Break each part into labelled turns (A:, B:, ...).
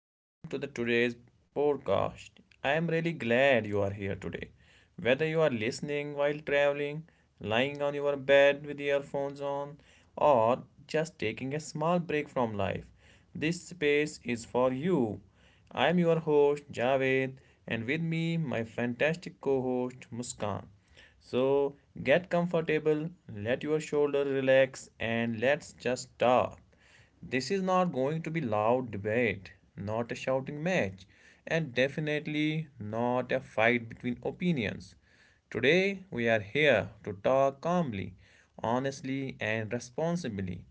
A: Welcome to the today's podcast. I am really glad you are here today. Whether you are listening while traveling, lying on your bed with earphones on, or just taking a small break from life, this space is for you. I am your host Javed and with me my fantastic co-host Muskan. So, get comfortable, let your shoulders relax and let's just talk. This is not going to be loud debate, not a shouting match, and definitely not a fight between opinions. Today we are here to talk calmly, honestly, and responsibly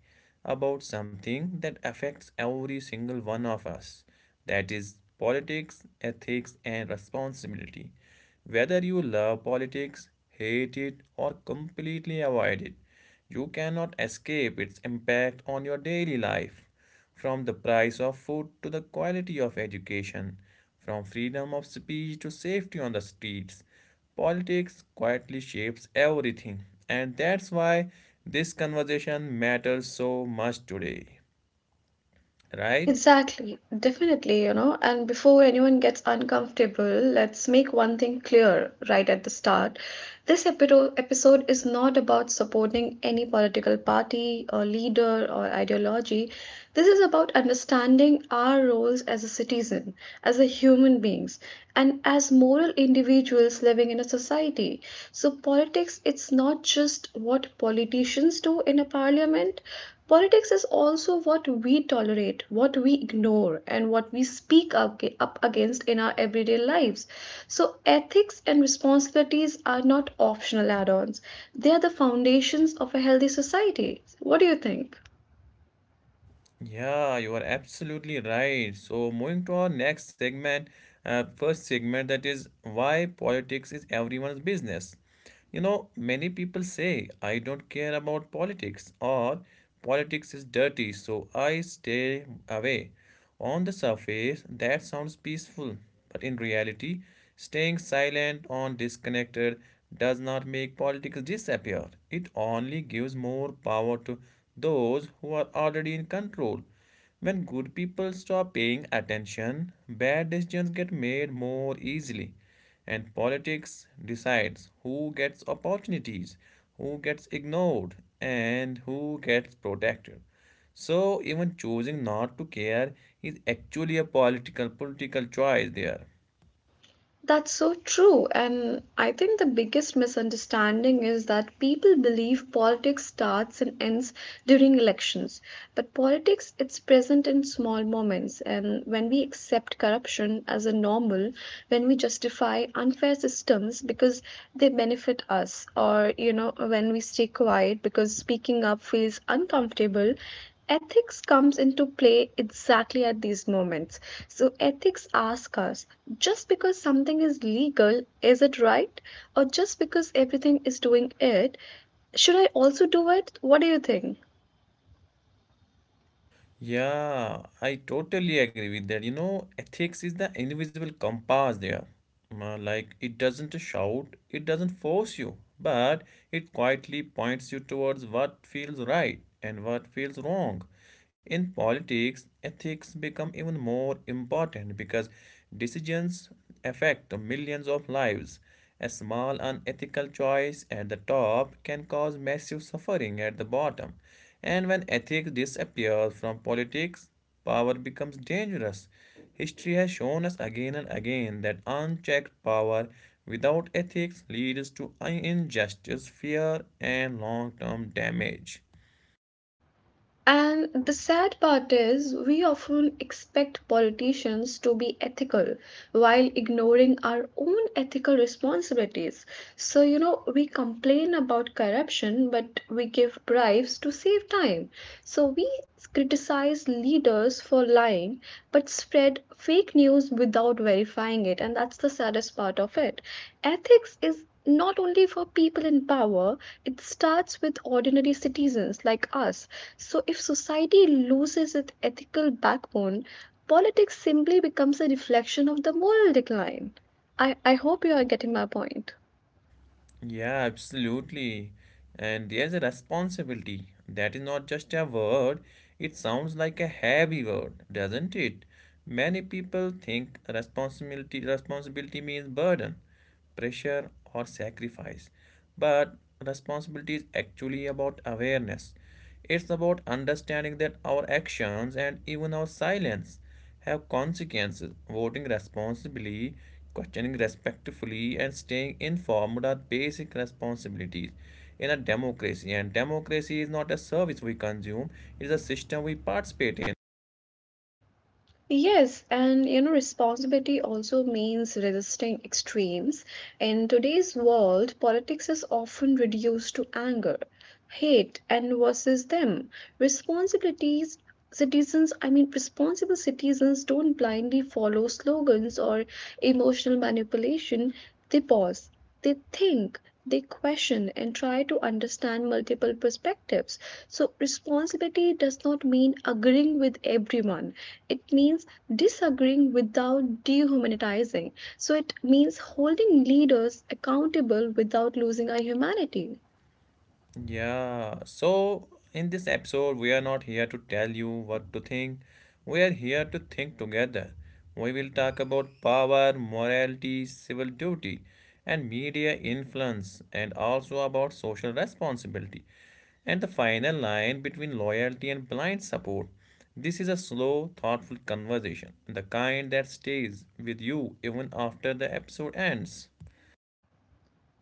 A: about something that affects every single one of us. That is politics, ethics, and responsibility. Whether you love politics, hate it, or completely avoid it, you cannot escape its impact on your daily life. From the price of food to the quality of education, from freedom of speech to safety on the streets, politics quietly shapes everything. And that's why this conversation matters so much today, right?
B: Exactly, definitely, you know. And before anyone gets uncomfortable, let's make one thing clear right at the start. This episode is not about supporting any political party or leader or ideology. This is about understanding our roles as a citizen, as a human beings, and as moral individuals living in a society. So politics, it's not just what politicians do in a parliament. Politics is also what we tolerate, what we ignore, and what we speak up against in our everyday lives. So, ethics and responsibilities are not optional add ons, they are the foundations of a healthy society. What do you think?
A: Yeah, you are absolutely right. So, moving to our next segment, first segment that is why politics is everyone's business. You know, many people say, I don't care about politics or politics is dirty, so I stay away. On the surface, that sounds peaceful, but in reality, staying silent or disconnected does not make politics disappear. It only gives more power to those who are already in control. When good people stop paying attention, bad decisions get made more easily, and politics decides who gets opportunities, who gets ignored, and who gets protected. So even choosing not to care is actually a political choice there.
B: That's so true. And I think the biggest misunderstanding is that people believe politics starts and ends during elections. But politics, it's present in small moments. And when we accept corruption as a normal, when we justify unfair systems because they benefit us, or, you know, when we stay quiet because speaking up feels uncomfortable, ethics comes into play exactly at these moments. So, ethics ask us, just because something is legal, is it right? Or just because everything is doing it, should I also do it? What do you think?
A: Yeah, I totally agree with that. You know, ethics is the invisible compass there. Like, it doesn't shout, it doesn't force you, but it quietly points you towards what feels right and what feels wrong. In politics, ethics become even more important because decisions affect millions of lives. A small unethical choice at the top can cause massive suffering at the bottom. And when ethics disappears from politics, power becomes dangerous. History has shown us again and again that unchecked power without ethics leads to injustice, fear, and long term damage.
B: And the sad part is, we often expect politicians to be ethical while ignoring our own ethical responsibilities. So, you know, we complain about corruption, but we give bribes to save time. So, we criticize leaders for lying, but spread fake news without verifying it. And that's the saddest part of it. Ethics is not only for people in power, it starts with ordinary citizens like us. So, if society loses its ethical backbone, politics simply becomes a reflection of the moral decline. I hope you are getting my point.
A: Yeah, absolutely. And there's a responsibility. That is not just a word, it sounds like a heavy word, doesn't it? Many people think responsibility means burden, pressure or sacrifice. But responsibility is actually about awareness. It's about understanding that our actions and even our silence have consequences. Voting responsibly, questioning respectfully, and staying informed are basic responsibilities in a democracy. And democracy is not a service we consume, it is a system we participate in.
B: Yes, and you know, responsibility also means resisting extremes. In today's world, politics is often reduced to anger, hate, and versus them. Responsibilities, citizens, I mean, responsible citizens don't blindly follow slogans or emotional manipulation, they pause, they think, they question and try to understand multiple perspectives. So responsibility does not mean agreeing with everyone, it means disagreeing without dehumanizing. So it means holding leaders accountable without losing our humanity.
A: Yeah, so in this episode, we are not here to tell you what to think. We are here to think together. We will talk about power, morality, civil duty, and media influence, and also about social responsibility and the final line between loyalty and blind support. This is a slow, thoughtful conversation, the kind that stays with you even after the episode ends.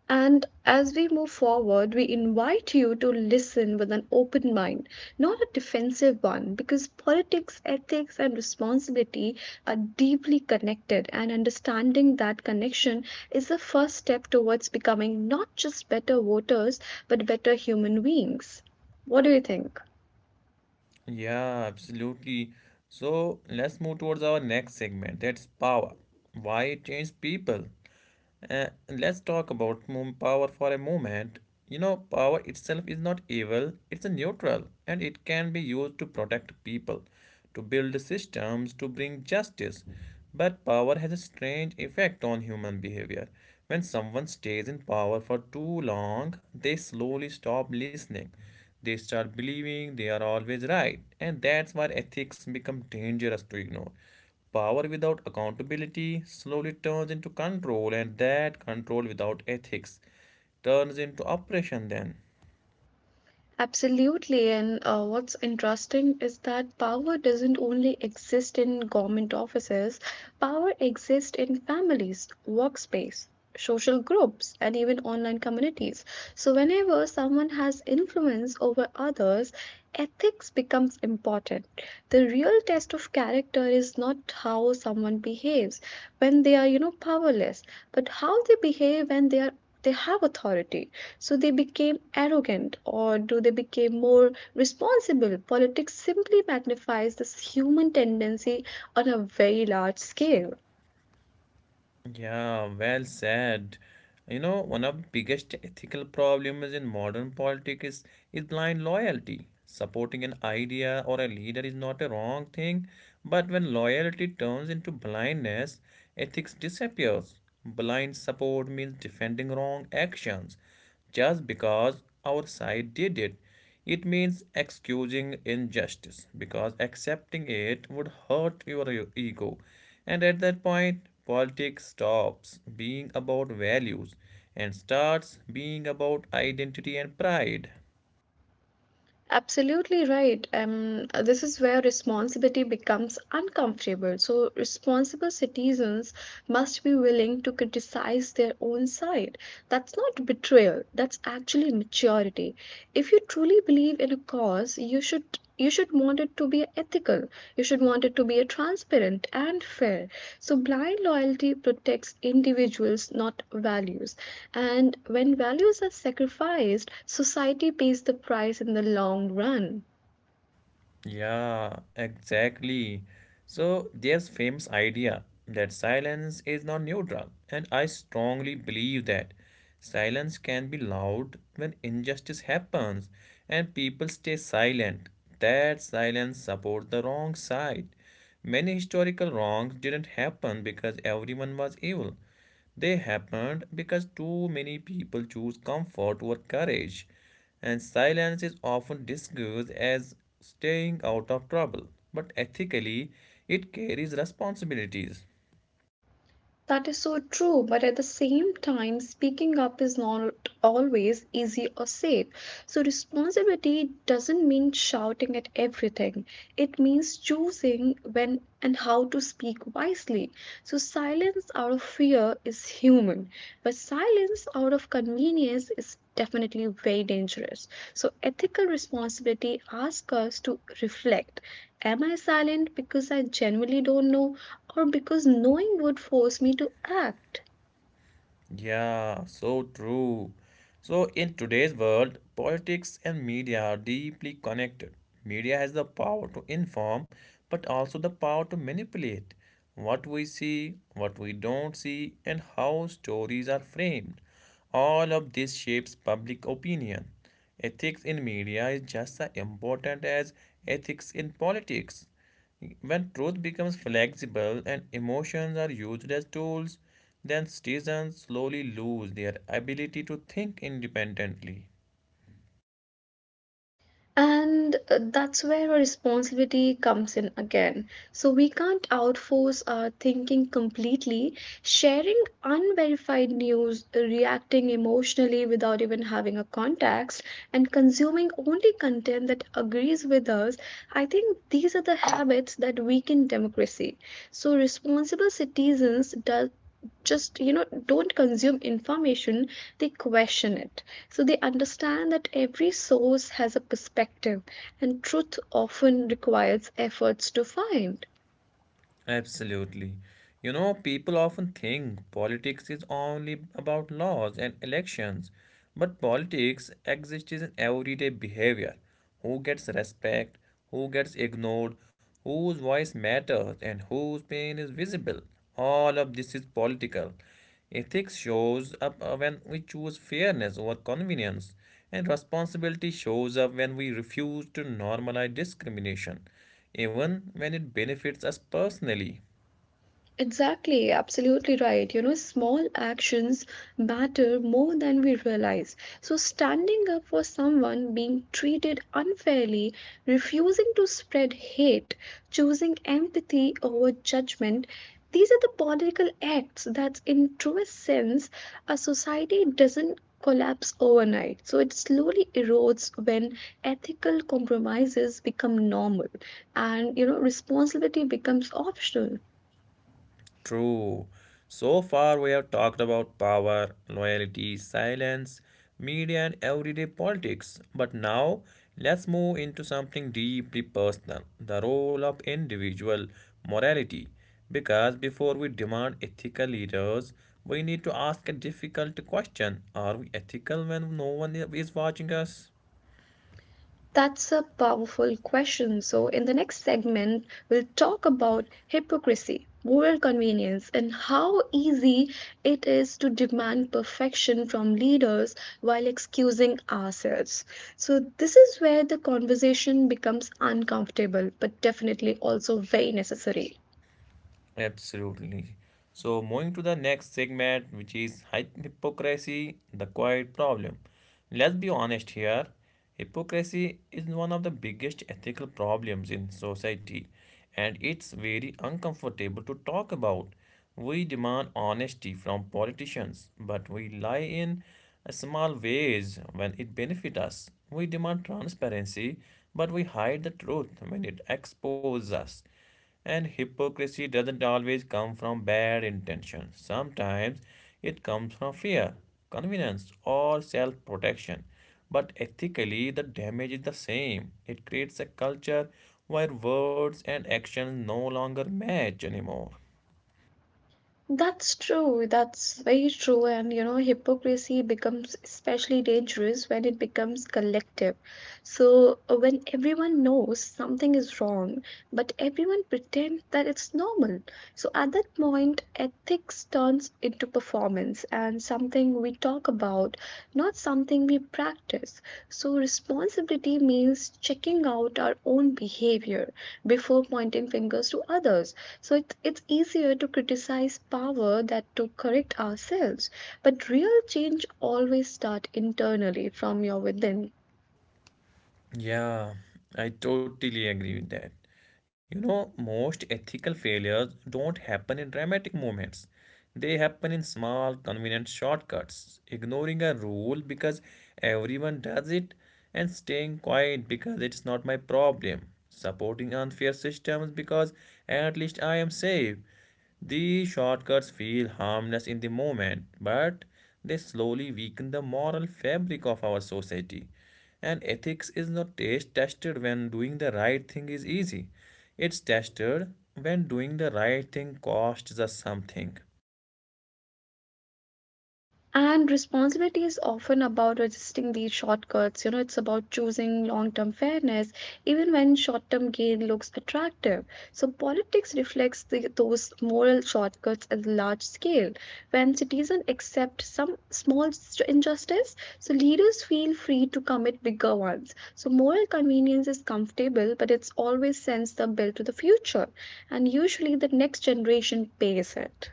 B: And as we move forward, we invite you to listen with an open mind, not a defensive one, because politics, ethics, and responsibility are deeply connected, and understanding that connection is the first step towards becoming not just better voters, but better human beings. What do you think?
A: Yeah, absolutely. So let's move towards our next segment. That's power. Why it changes people? Let's talk about moon power for a moment. You know, power itself is not evil, it's a neutral, and it can be used to protect people, to build systems, to bring justice. But power has a strange effect on human behavior. When someone stays in power for too long, they slowly stop listening. They start believing they are always right, and that's why ethics become dangerous to ignore. Power without accountability slowly turns into control, and that control without ethics turns into oppression then.
B: Absolutely. And what's interesting is that power doesn't only exist in government offices, power exists in families, workspace, social groups, and even online communities. So, whenever someone has influence over others, ethics becomes important. The real test of character is not how someone behaves when they are, you know, powerless, but how they behave when they have authority. So they became arrogant or do they became more responsible? Politics simply magnifies this human tendency on a very large scale.
A: Yeah, well said. You know, one of the biggest ethical problems in modern politics is blind loyalty. Supporting an idea or a leader is not a wrong thing, but when loyalty turns into blindness, ethics disappears. Blind support means defending wrong actions just because our side did it. It means excusing injustice because accepting it would hurt your ego. And at that point, politics stops being about values and starts being about identity and pride.
B: Absolutely right. This is where responsibility becomes uncomfortable. So responsible citizens must be willing to criticize their own side. That's not betrayal, that's actually maturity. If you truly believe in a cause, because you should want it to be ethical, you should want it to be transparent and fair. So blind loyalty protects individuals, not values, and when values are sacrificed, society pays the price in the long run.
A: Yeah, exactly. So there's famous idea that silence is not neutral, and I strongly believe that silence can be loud when injustice happens and people stay silent. That silence supports the wrong side. Many historical wrongs didn't happen because everyone was evil. They happened because too many people choose comfort over courage. And silence is often disguised as staying out of trouble, but ethically, it carries responsibilities.
B: That is so true, but at the same time, speaking up is not always easy or safe. So, responsibility doesn't mean shouting at everything, it means choosing when and how to speak wisely. So, silence out of fear is human, but silence out of convenience is definitely very dangerous. So, ethical responsibility asks us to reflect: am I silent because I genuinely don't know, or because knowing would force me to act?
A: Yeah, so true. So, in today's world, politics and media are deeply connected. Media has the power to inform, but also the power to manipulate what we see, what we don't see, and how stories are framed. All of this shapes public opinion. Ethics in media is just as important as ethics in politics. When truth becomes flexible and emotions are used as tools, then citizens slowly lose their ability to think independently.
B: And that's where our responsibility comes in again. So we can't outforce our thinking completely, sharing unverified news, reacting emotionally without even having a context, and consuming only content that agrees with us. I think these are the habits that weaken democracy. So responsible citizens do, just you know, don't consume information, they question it. So they understand that every source has a perspective and truth often requires efforts to find.
A: Absolutely. You know, people often think politics is only about laws and elections, but politics exists in everyday behavior. Who gets respect, who gets ignored, whose voice matters, and whose pain is visible. All of this is political. Ethics shows up when we choose fairness over convenience, and responsibility shows up when we refuse to normalize discrimination even when it benefits us personally.
B: Exactly, absolutely right. You know, small actions matter more than we realize. So, standing up for someone being treated unfairly, refusing to spread hate, choosing empathy over judgment, these are the political acts that, in truest sense, a society doesn't collapse overnight. So, it slowly erodes when ethical compromises become normal and, you know, responsibility becomes optional.
A: True. So far, we have talked about power, loyalty, silence, media, and everyday politics. But now, let's move into something deeply personal, the role of individual morality. Because before we demand ethical leaders, we need to ask a difficult question: are we ethical when no one is watching us?
B: That's a powerful question. So, in the next segment, we'll talk about hypocrisy, moral convenience, and how easy it is to demand perfection from leaders while excusing ourselves. So, this is where the conversation becomes uncomfortable, but definitely also very necessary.
A: Absolutely. So, moving to the next segment, which is hypocrisy, the quiet problem. Let's be honest here. Hypocrisy is one of the biggest ethical problems in society, and it's very uncomfortable to talk about. We demand honesty from politicians, but we lie in small ways when it benefits us. We demand transparency, but we hide the truth when it exposes us. And hypocrisy doesn't always come from bad intention. Sometimes it comes from fear, convenience, or self protection. But ethically, the damage is the same. It creates a culture where words and actions no longer match anymore.
B: That's true. That's very true. And you know, hypocrisy becomes especially dangerous when it becomes collective. So, when everyone knows something is wrong, but everyone pretends that it's normal. So, at that point, ethics turns into performance and something we talk about, not something we practice. So, responsibility means checking out our own behavior before pointing fingers to others. So, it's easier to criticize power than to correct ourselves. But real change always starts internally from your within.
A: Yeah, I totally agree with that. You know, most ethical failures don't happen in dramatic moments. They happen in small, convenient shortcuts, ignoring a rule because everyone does it, and staying quiet because it's not my problem, supporting unfair systems because at least I am safe. These shortcuts feel harmless in the moment, but they slowly weaken the moral fabric of our society. And ethics is not tested when doing the right thing is easy. It's tested when doing the right thing costs us something.
B: And responsibility is often about resisting these shortcuts. You know, it's about choosing long term fairness, even when short term gain looks attractive. So, politics reflects those moral shortcuts at the large scale. When citizens accept some small injustice, so leaders feel free to commit bigger ones. So, moral convenience is comfortable, but it's always sends the bill to the future. And usually, the next generation pays it.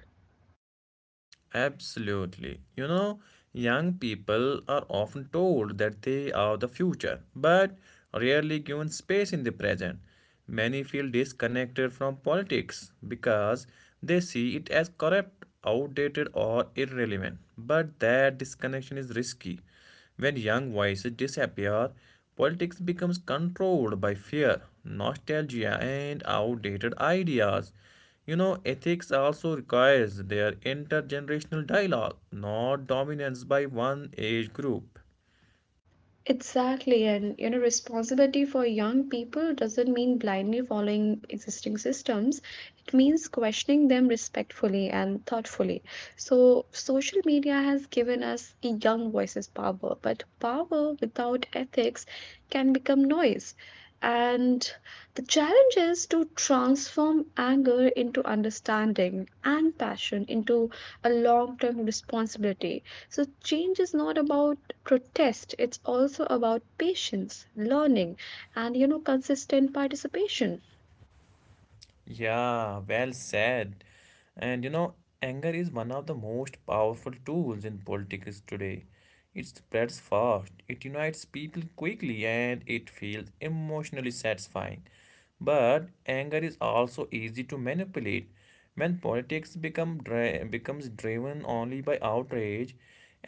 A: Absolutely. You know, young people are often told that they are the future, but rarely given space in the present. Many feel disconnected from politics because they see it as corrupt, outdated, or irrelevant. But that disconnection is risky. When young voices disappear, politics becomes controlled by fear, nostalgia, and outdated ideas. You know, ethics also requires their intergenerational dialogue, not dominance by one age group.
B: Exactly, and you know, responsibility for young people doesn't mean blindly following existing systems. It means questioning them respectfully and thoughtfully. So, social media has given us a young voices power, but power without ethics can become noise. And the challenge is to transform anger into understanding and passion into a long term responsibility. So, change is not about protest, it's also about patience, learning, and you know, consistent participation.
A: Yeah, well said. And you know, anger is one of the most powerful tools in politics today. It spreads fast, it unites people quickly, and it feels emotionally satisfying. But anger is also easy to manipulate. When politics becomes driven only by outrage,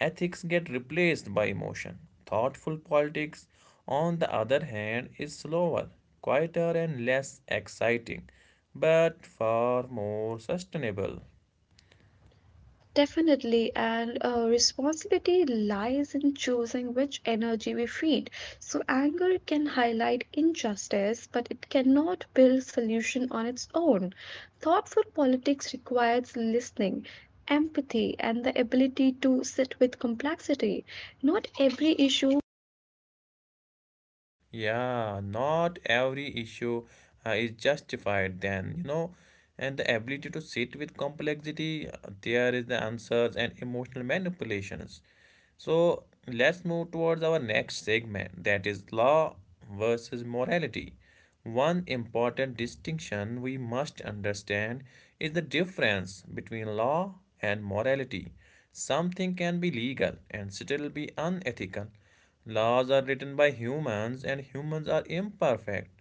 A: ethics get replaced by emotion. Thoughtful politics, on the other hand, is slower, quieter, and less exciting, but far more sustainable.
B: Definitely, and responsibility lies in choosing which energy we feed. So, anger can highlight injustice, but it cannot build solution on its own. Thoughtful politics requires listening, empathy, and the ability to sit with complexity. Not every issue.
A: Yeah, not every issue is justified then, you know, and the ability to sit with complexity, there is the answers and emotional manipulations. So let's move towards our next segment that is law versus morality. One important distinction we must understand is the difference between law and morality. Something can be legal and still be unethical. Laws are written by humans and humans are imperfect.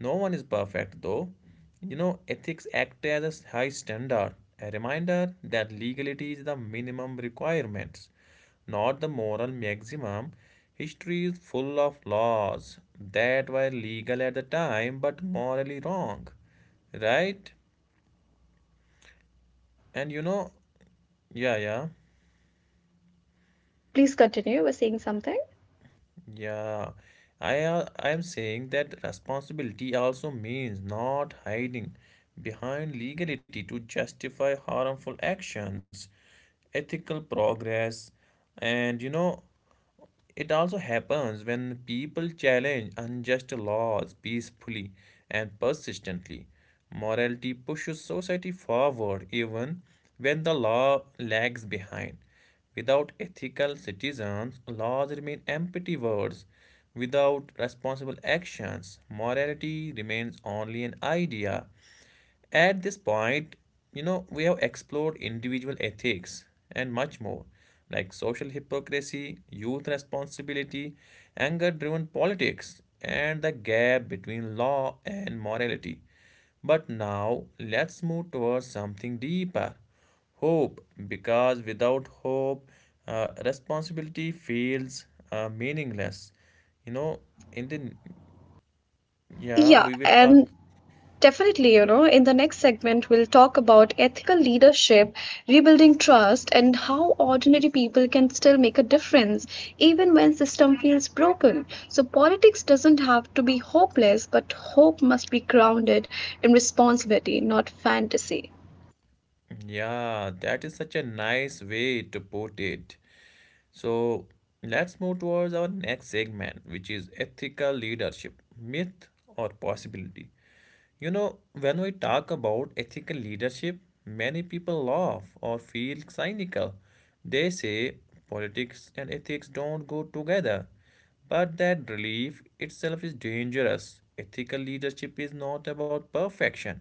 A: No one is perfect though. You know, ethics act as a high standard, a reminder that legality is the minimum requirements, not the moral maximum. History is full of laws that were legal at the time but morally wrong. Right? And you know, yeah, yeah.
B: So, please continue. You were saying something.
A: Yeah, I am saying that responsibility also means not hiding behind legality to justify harmful actions, ethical progress, and you know it also happens when people challenge unjust laws peacefully and persistently. Morality pushes society forward even when the law lags behind. Without ethical citizens, laws remain empty words. Without responsible actions, morality remains only an idea. At this point, you know, we have explored individual ethics and much more, like social hypocrisy, youth responsibility, anger driven politics, and the gap between law and morality. But now, let's move towards something deeper, hope, because without hope, responsibility feels meaningless. You know, in the yeah,
B: Yeah,
A: we will talk.
B: and definitely, you know, in the next segment, we'll talk about ethical leadership, rebuilding trust, and how ordinary people can still make a difference even when system feels broken. So politics doesn't have to be hopeless, but hope must be grounded in responsibility, not fantasy.
A: Yeah, that is such a nice way to put it. So let's move towards our next segment, which is ethical leadership, myth or possibility. You know, when we talk about ethical leadership, many people laugh or feel cynical. They say politics and ethics don't go together. But that relief itself is dangerous. Ethical leadership is not about perfection,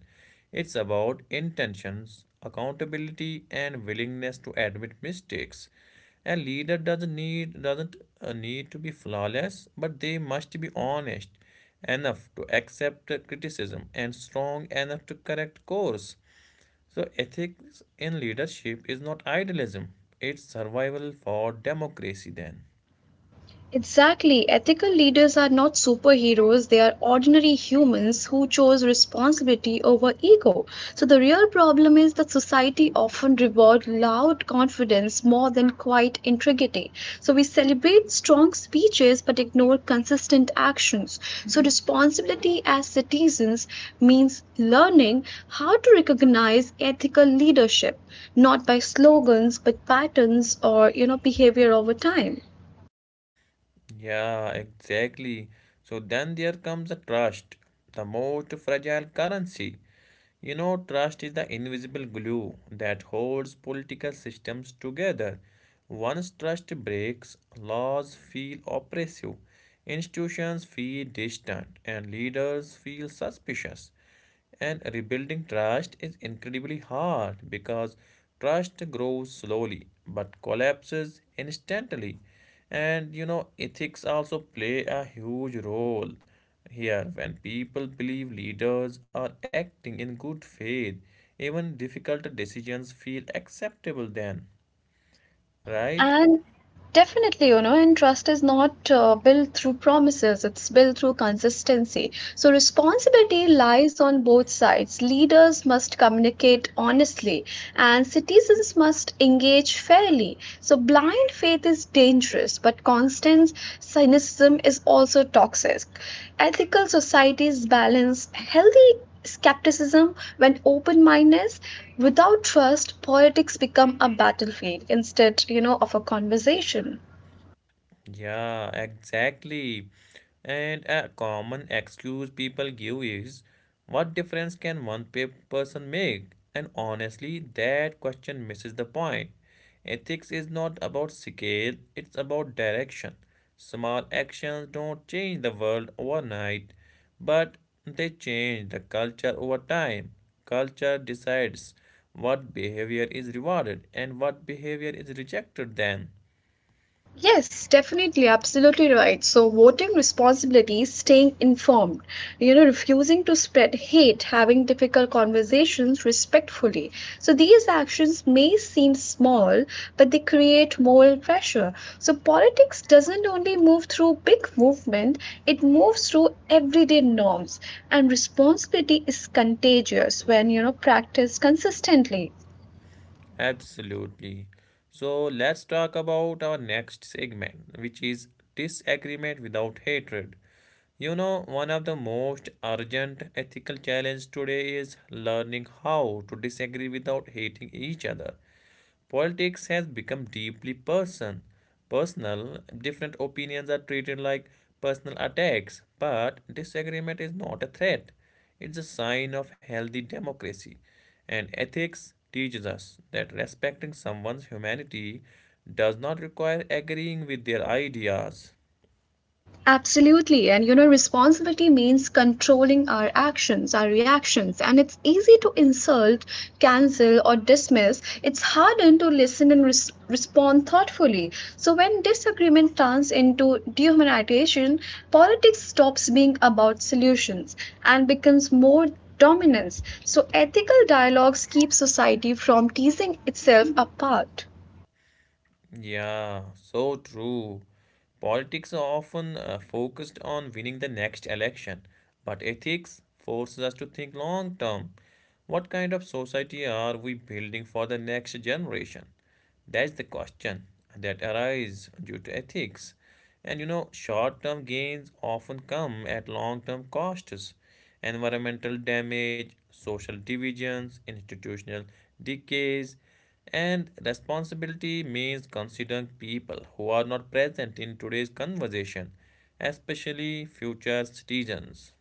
A: it's about intentions, accountability, and willingness to admit mistakes. A leader doesn't need to be flawless, but they must be honest enough to accept criticism and strong enough to correct course. So, ethics in leadership is not idealism, it's survival for democracy, then.
B: Exactly. Ethical leaders are not superheroes, they are ordinary humans who chose responsibility over ego. So, the real problem is that society often rewards loud confidence more than quiet integrity. So, we celebrate strong speeches but ignore consistent actions. So, responsibility as citizens means learning how to recognize ethical leadership, not by slogans but patterns or you know behavior over time.
A: Yeah, exactly. So then there comes the trust, the most fragile currency. You know, trust is the invisible glue that holds political systems together. Once trust breaks, laws feel oppressive, institutions feel distant, and leaders feel suspicious. And rebuilding trust is incredibly hard because trust grows slowly but collapses instantly. And you know, ethics also play a huge role here when people believe leaders are acting in good faith, even difficult decisions feel acceptable then, right?
B: And definitely, you know, and trust is not built through promises, it's built through consistency. So, responsibility lies on both sides. Leaders must communicate honestly, and citizens must engage fairly. So, blind faith is dangerous, but constant cynicism is also toxic. Ethical societies balance healthy skepticism when open mindedness. Without trust politics become a battlefield instead, you know, of a conversation.
A: Yeah, exactly. And a common excuse people give is, what difference can one person make? And honestly, that question misses the point. Ethics is not about scale, it's about direction. Small actions don't change the world overnight, but they change the culture over time. Culture decides what behavior is rewarded and what behavior is rejected then.
B: Yes, definitely, absolutely right. So, voting responsibility is staying informed, you know, refusing to spread hate, having difficult conversations respectfully. So, these actions may seem small, but they create moral pressure. So, politics doesn't only move through big movement, it moves through everyday norms, and responsibility is contagious when, you know, practiced consistently.
A: Absolutely. So let's talk about our next segment, which is disagreement without hatred. You know, one of the most urgent ethical challenges today is learning how to disagree without hating each other. Politics has become deeply personal. Different opinions are treated like personal attacks, but disagreement is not a threat. It's a sign of healthy democracy. And ethics teaches us that respecting someone's humanity does not require agreeing with their ideas.
B: Absolutely. And you know, responsibility means controlling our actions, our reactions. And it's easy to insult, cancel, or dismiss. It's harder to listen and respond thoughtfully. So, when disagreement turns into dehumanization, politics stops being about solutions and becomes more dominance. So, ethical dialogues keep society from teasing itself apart.
A: Yeah, so true. Politics are often focused on winning the next election, but ethics forces us to think long term. What kind of society are we building for the next generation? That's the question that arises due to ethics. And you know, short term gains often come at long term costs. Environmental damage, social divisions, institutional decays, and responsibility means considering people who are not present in today's conversation, especially future citizens.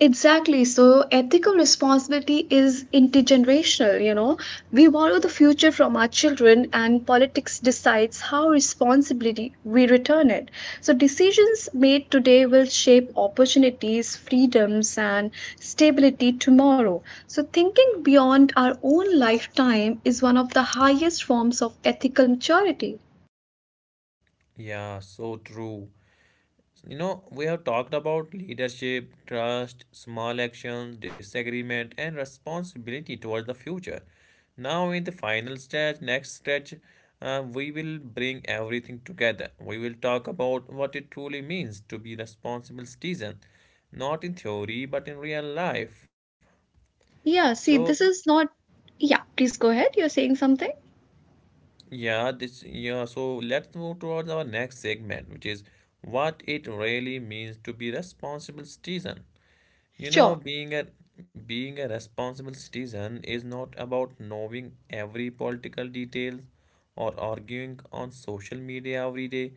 B: Exactly. So ethical responsibility is intergenerational, you know. We borrow the future from our children, and politics decides how responsibly we return it. So decisions made today will shape opportunities, freedoms, and stability tomorrow. So thinking beyond our own lifetime is one of the highest forms of ethical maturity.
A: Yeah, so true. You know, we have talked about leadership, trust, small actions, disagreement, and responsibility towards the future. Now, in the final stretch, next stretch, we will bring everything together. We will talk about what it truly means to be responsible citizen, not in theory but in real life.
B: Yeah,
A: So,
B: see, this is not. Yeah, please go ahead. You're saying something?
A: yeah, this yeah. So let's move towards our next segment, which is what it really means to be responsible citizen. You know,
B: Sure.
A: being a responsible citizen is not about knowing every political detail or arguing on social media every day.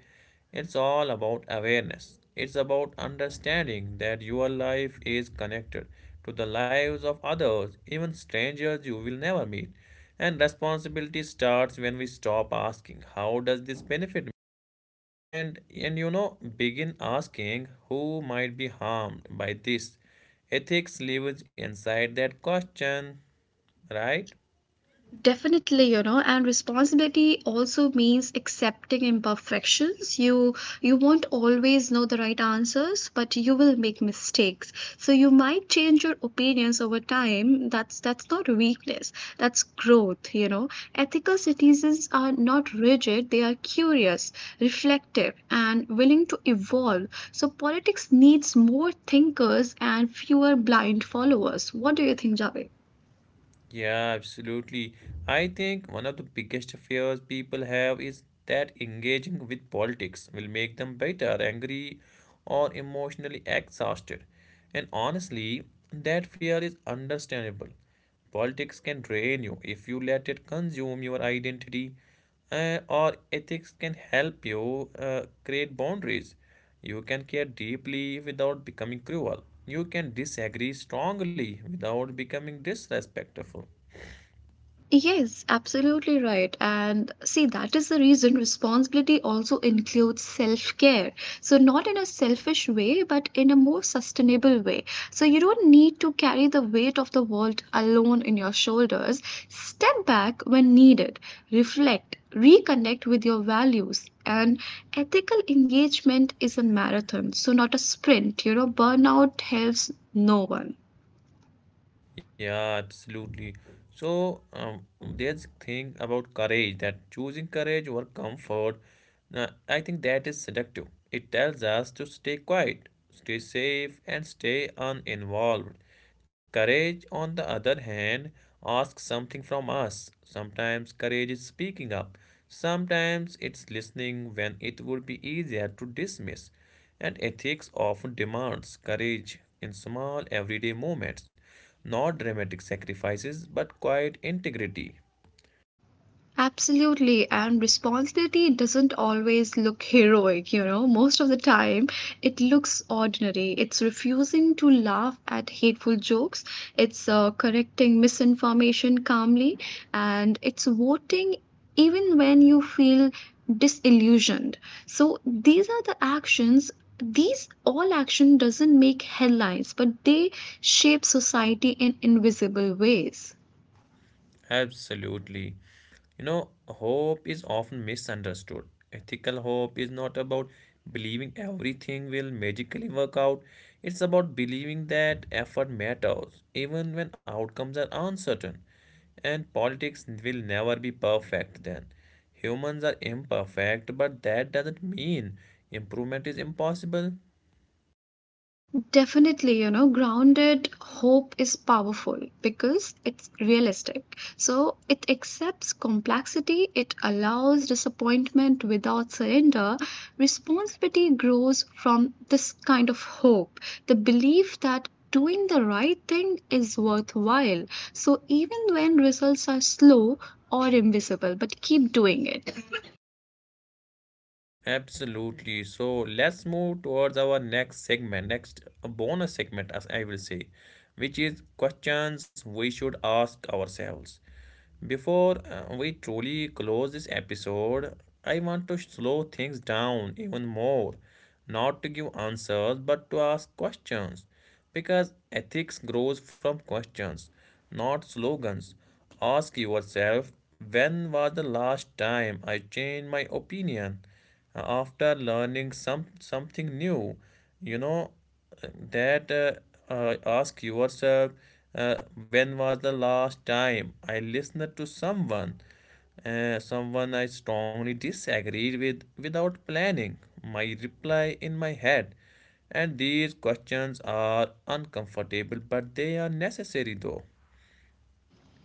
A: It's all about awareness. It's about understanding that your life is connected to the lives of others, even strangers you will never meet. And responsibility starts when we stop asking, how does this benefit and you know begin asking who might be harmed by this ethics lives inside that question, right?
B: Definitely, you know, and responsibility also means accepting imperfections. You won't always know the right answers, but you will make mistakes. So you might change your opinions over time. That's not weakness. That's growth, you know. Ethical citizens are not rigid, they are curious, reflective, and willing to evolve. So politics needs more thinkers and fewer blind followers. What do you think, Javed?
A: Yeah, absolutely. I think one of the biggest fears people have is that engaging with politics will make them bitter, angry, or emotionally exhausted. And honestly, that fear is understandable. Politics can drain you if you let it consume your identity, or ethics can help you create boundaries. You can care deeply without becoming cruel. You can disagree strongly without becoming disrespectful.
B: Yes, absolutely right. And see, that is the reason responsibility also includes self care. So, not in a selfish way, but in a more sustainable way. So, you don't need to carry the weight of the world alone in your shoulders. Step back when needed, reflect, reconnect with your values. And ethical engagement is a marathon, so not a sprint. You know, burnout helps no one.
A: Yeah, absolutely. So there's thing about courage that choosing courage over comfort, I think that is seductive. It tells us to stay quiet, stay safe, and stay uninvolved. Courage, on the other hand, asks something from us. Sometimes courage is speaking up. Sometimes it's listening when it would be easier to dismiss and ethics often demands courage in small everyday moments, not dramatic sacrifices but quiet integrity.
B: Absolutely, and responsibility doesn't always look heroic, you know. Most of the time, it looks ordinary. It's refusing to laugh at hateful jokes, it's correcting misinformation calmly, and it's voting even when you feel disillusioned. So, these are the actions. These all action doesn't make headlines, but they shape society in invisible ways.
A: Absolutely. You know, hope is often misunderstood. Ethical hope is not about believing everything will magically work out, it's about believing that effort matters, even when outcomes are uncertain. And politics will never be perfect then. Humans are imperfect, but that doesn't mean improvement is impossible.
B: Definitely, you know, grounded hope is powerful because it's realistic. So it accepts complexity, it allows disappointment without surrender. Responsibility grows from this kind of hope, the belief that doing the right thing is worthwhile. So even when results are slow or invisible, but keep doing it.
A: Absolutely. So let's move towards our next segment, next bonus segment, as I will say, which is questions we should ask ourselves. Before we truly close this episode, I want to slow things down even more, not to give answers, but to ask questions, because ethics grows from questions, not slogans. Ask yourself, when was the last time I changed my opinion? After learning something new, you know, that ask yourself uh, when was the last time I listened to someone, someone I strongly disagreed with without planning my reply in my head. And these questions are uncomfortable, but they are necessary though,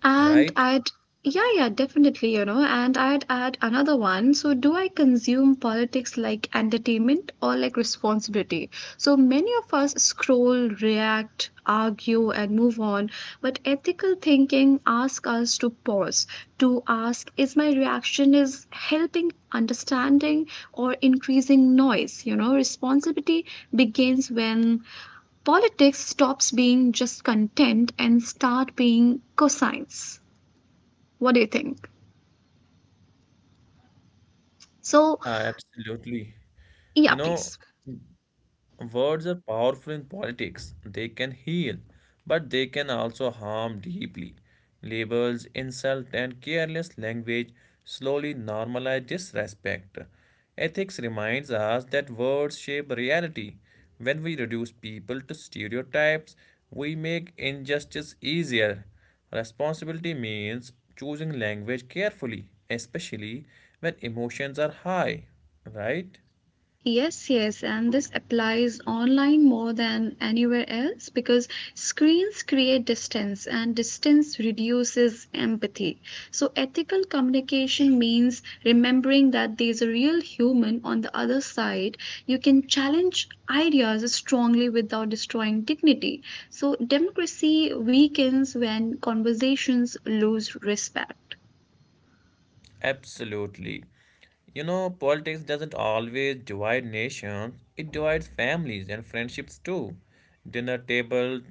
B: And
A: right?
B: I'd, yeah, yeah, definitely, you know, and I'd add another one. So, do I consume politics like entertainment or like responsibility? So, many of us scroll, react, argue, and move on, but ethical thinking asks us to pause, to ask, is my reaction is helping understanding or increasing noise? You know, responsibility begins when politics stops being just content and start being cosines. What do you think? So,
A: Yeah, absolutely. You
B: yeah,
A: know,
B: please.
A: words are powerful in politics. They can heal, but they can also harm deeply. Labels, insult, and careless language slowly normalize disrespect. Ethics reminds us that words shape reality. When we reduce people to stereotypes, we make injustice easier. Responsibility means choosing language carefully, especially when emotions are high, right?
B: Yes, yes, and this applies online more than anywhere else because screens create distance and distance reduces empathy. So, ethical communication means remembering that there's a real human on the other side. You can challenge ideas strongly without destroying dignity. So, democracy weakens when conversations lose respect.
A: Absolutely. You know, politics doesn't always divide nations, it divides families and friendships too. Dinner tables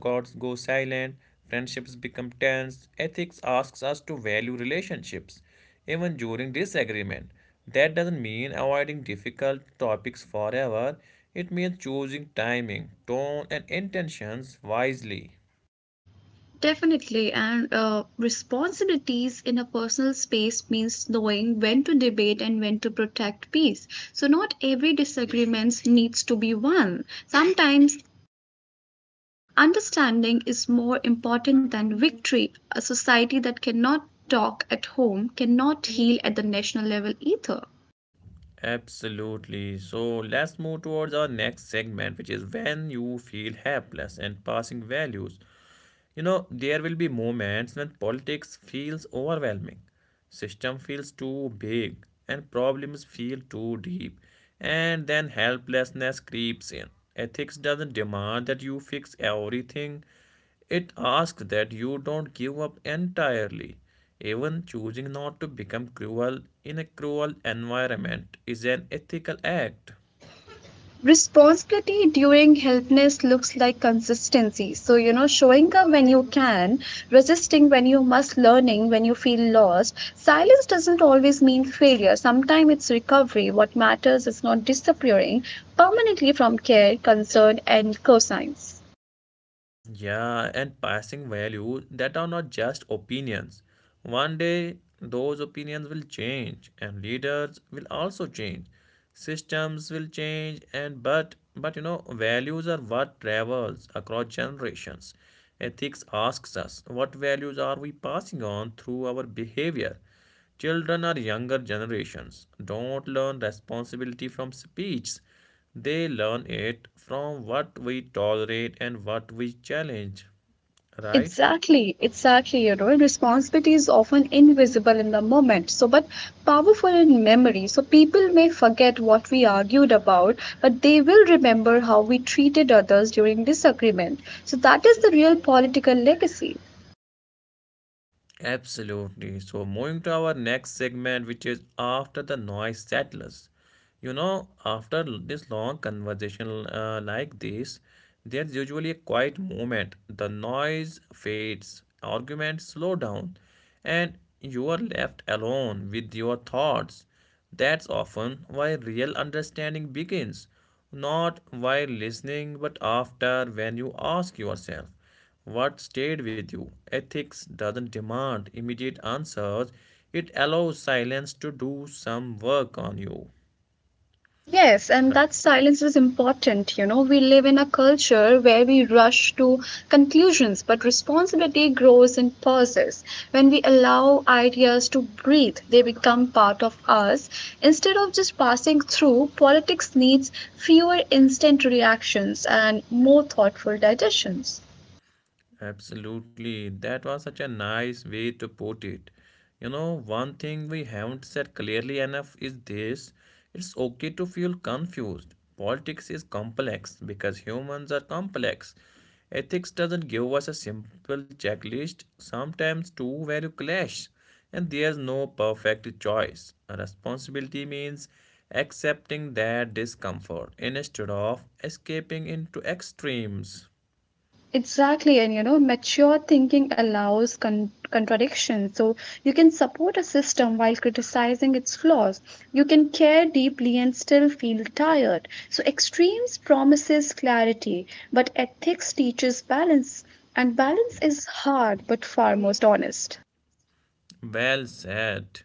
A: gods go silent, friendships become tense, ethics asks us to value relationships, even during disagreement. That doesn't mean avoiding difficult topics forever, it means choosing timing, tone, and intentions wisely.
B: Definitely, and responsibilities in a personal space means knowing when to debate and when to protect peace. So not every disagreement needs to be won. Sometimes understanding is more important than victory. A society that cannot talk at home cannot heal at the national level either.
A: Absolutely. So let's move towards our next segment, which is when you feel helpless and passing values. You know, there will be moments when politics feels overwhelming, system feels too big, and problems feel too deep, and then helplessness creeps in. Ethics doesn't demand that you fix everything, it asks that you don't give up entirely. Even choosing not to become cruel in a cruel environment is an ethical act.
B: Responsibility during healthness looks like consistency, so you know, showing up when you can, resisting when you must, learning when you feel lost. Silence doesn't always mean failure, sometimes it's recovery. What matters is not disappearing permanently from care, concern and cosigns.
A: Yeah, and passing value that are not just opinions. One day, those opinions will change, and leaders will also change. Systems will change, and but you know, values are what travels across generations. Ethics asks us what values are we passing on through our behavior. Children or younger generations don't learn responsibility from speech. They learn it from what we tolerate and what we challenge, right?
B: Exactly, exactly. You know, responsibility is often invisible in the moment, so but powerful in memory. So people may forget what we argued about, but they will remember how we treated others during disagreement. So that is the real political legacy.
A: Absolutely. So, moving to our next segment, which is after the noise settles. You know, after this long conversation like this, there's usually a quiet moment. The noise fades, arguments slow down, and you are left alone with your thoughts. That's often why real understanding begins, not while listening, but after when you ask yourself. What stayed with you? Ethics doesn't demand immediate answers, it allows silence to do some work on you.
B: Yes, and
A: Right.
B: that silence is important. You know, we live in a culture where we rush to conclusions, but responsibility grows in pauses. When we allow ideas to breathe, they become part of us. Instead of just passing through, politics needs fewer instant reactions and more thoughtful digestions.
A: Absolutely. That was such a nice way to put it. You know, one thing we haven't said clearly enough is this, it's okay to feel confused. Politics is complex because humans are complex. Ethics doesn't give us a simple checklist. Sometimes two value clash, and there's no perfect choice. A responsibility means accepting that discomfort instead of escaping into extremes.
B: Exactly, and you know, mature thinking allows contradiction. So you can support a system while criticizing its flaws. You can care deeply and still feel tired. So extremes promises clarity, but ethics teaches balance, and balance is hard but far most honest.
A: Well said.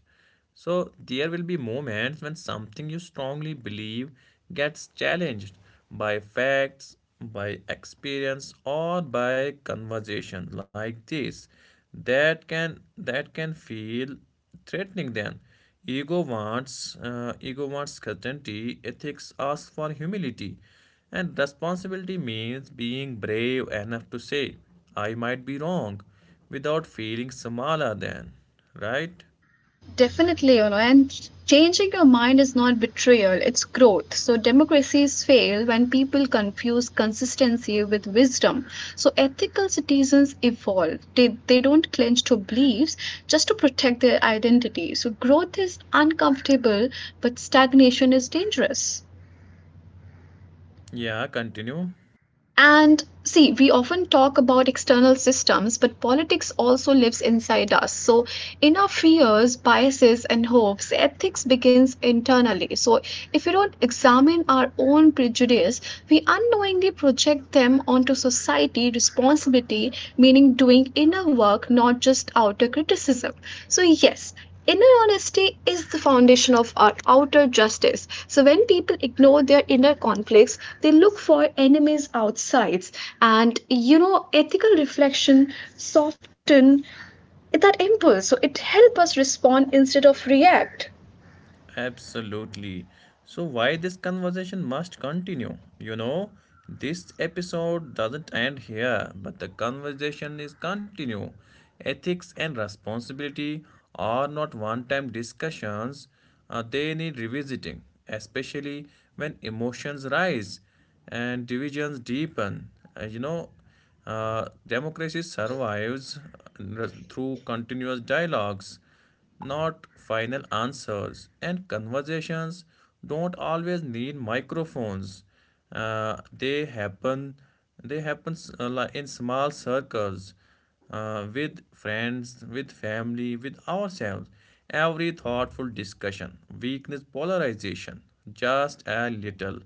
A: So, there will be moments when something you strongly believe gets challenged by facts, by experience, or by conversation like this. That can feel threatening then. Ego wants certainty, ethics asks for humility, and responsibility means being brave enough to say, I might be wrong, without feeling smaller than. Right?
B: Definitely, you know, and changing your mind is not betrayal, it's growth. So, democracies fail when people confuse consistency with wisdom. So, ethical citizens evolve, they don't cling to beliefs just to protect their identity. So, growth is uncomfortable, but stagnation is dangerous.
A: Yeah, continue.
B: And see, we often talk about external systems, but politics also lives inside us. So, in our fears, biases, and hopes, ethics begins internally. So, if we don't examine our own prejudice, we unknowingly project them onto society, responsibility, meaning doing inner work, not just outer criticism. So, yes, inner honesty is the foundation of our outer justice. So, when people ignore their inner conflicts, they look for enemies outside. And you know, ethical reflection soften that impulse. So, it helps us respond instead of react.
A: Absolutely. So, why this conversation must continue? You know, this episode doesn't end here, but the conversation is continue. Ethics and responsibility are not one time discussions, they need revisiting, especially when emotions rise and divisions deepen. You know, democracy survives through continuous dialogues not final answers. And conversations don't always need microphones. They happen. They happen in small circles, with friends, with family, with ourselves. Every thoughtful discussion weakness polarization just a little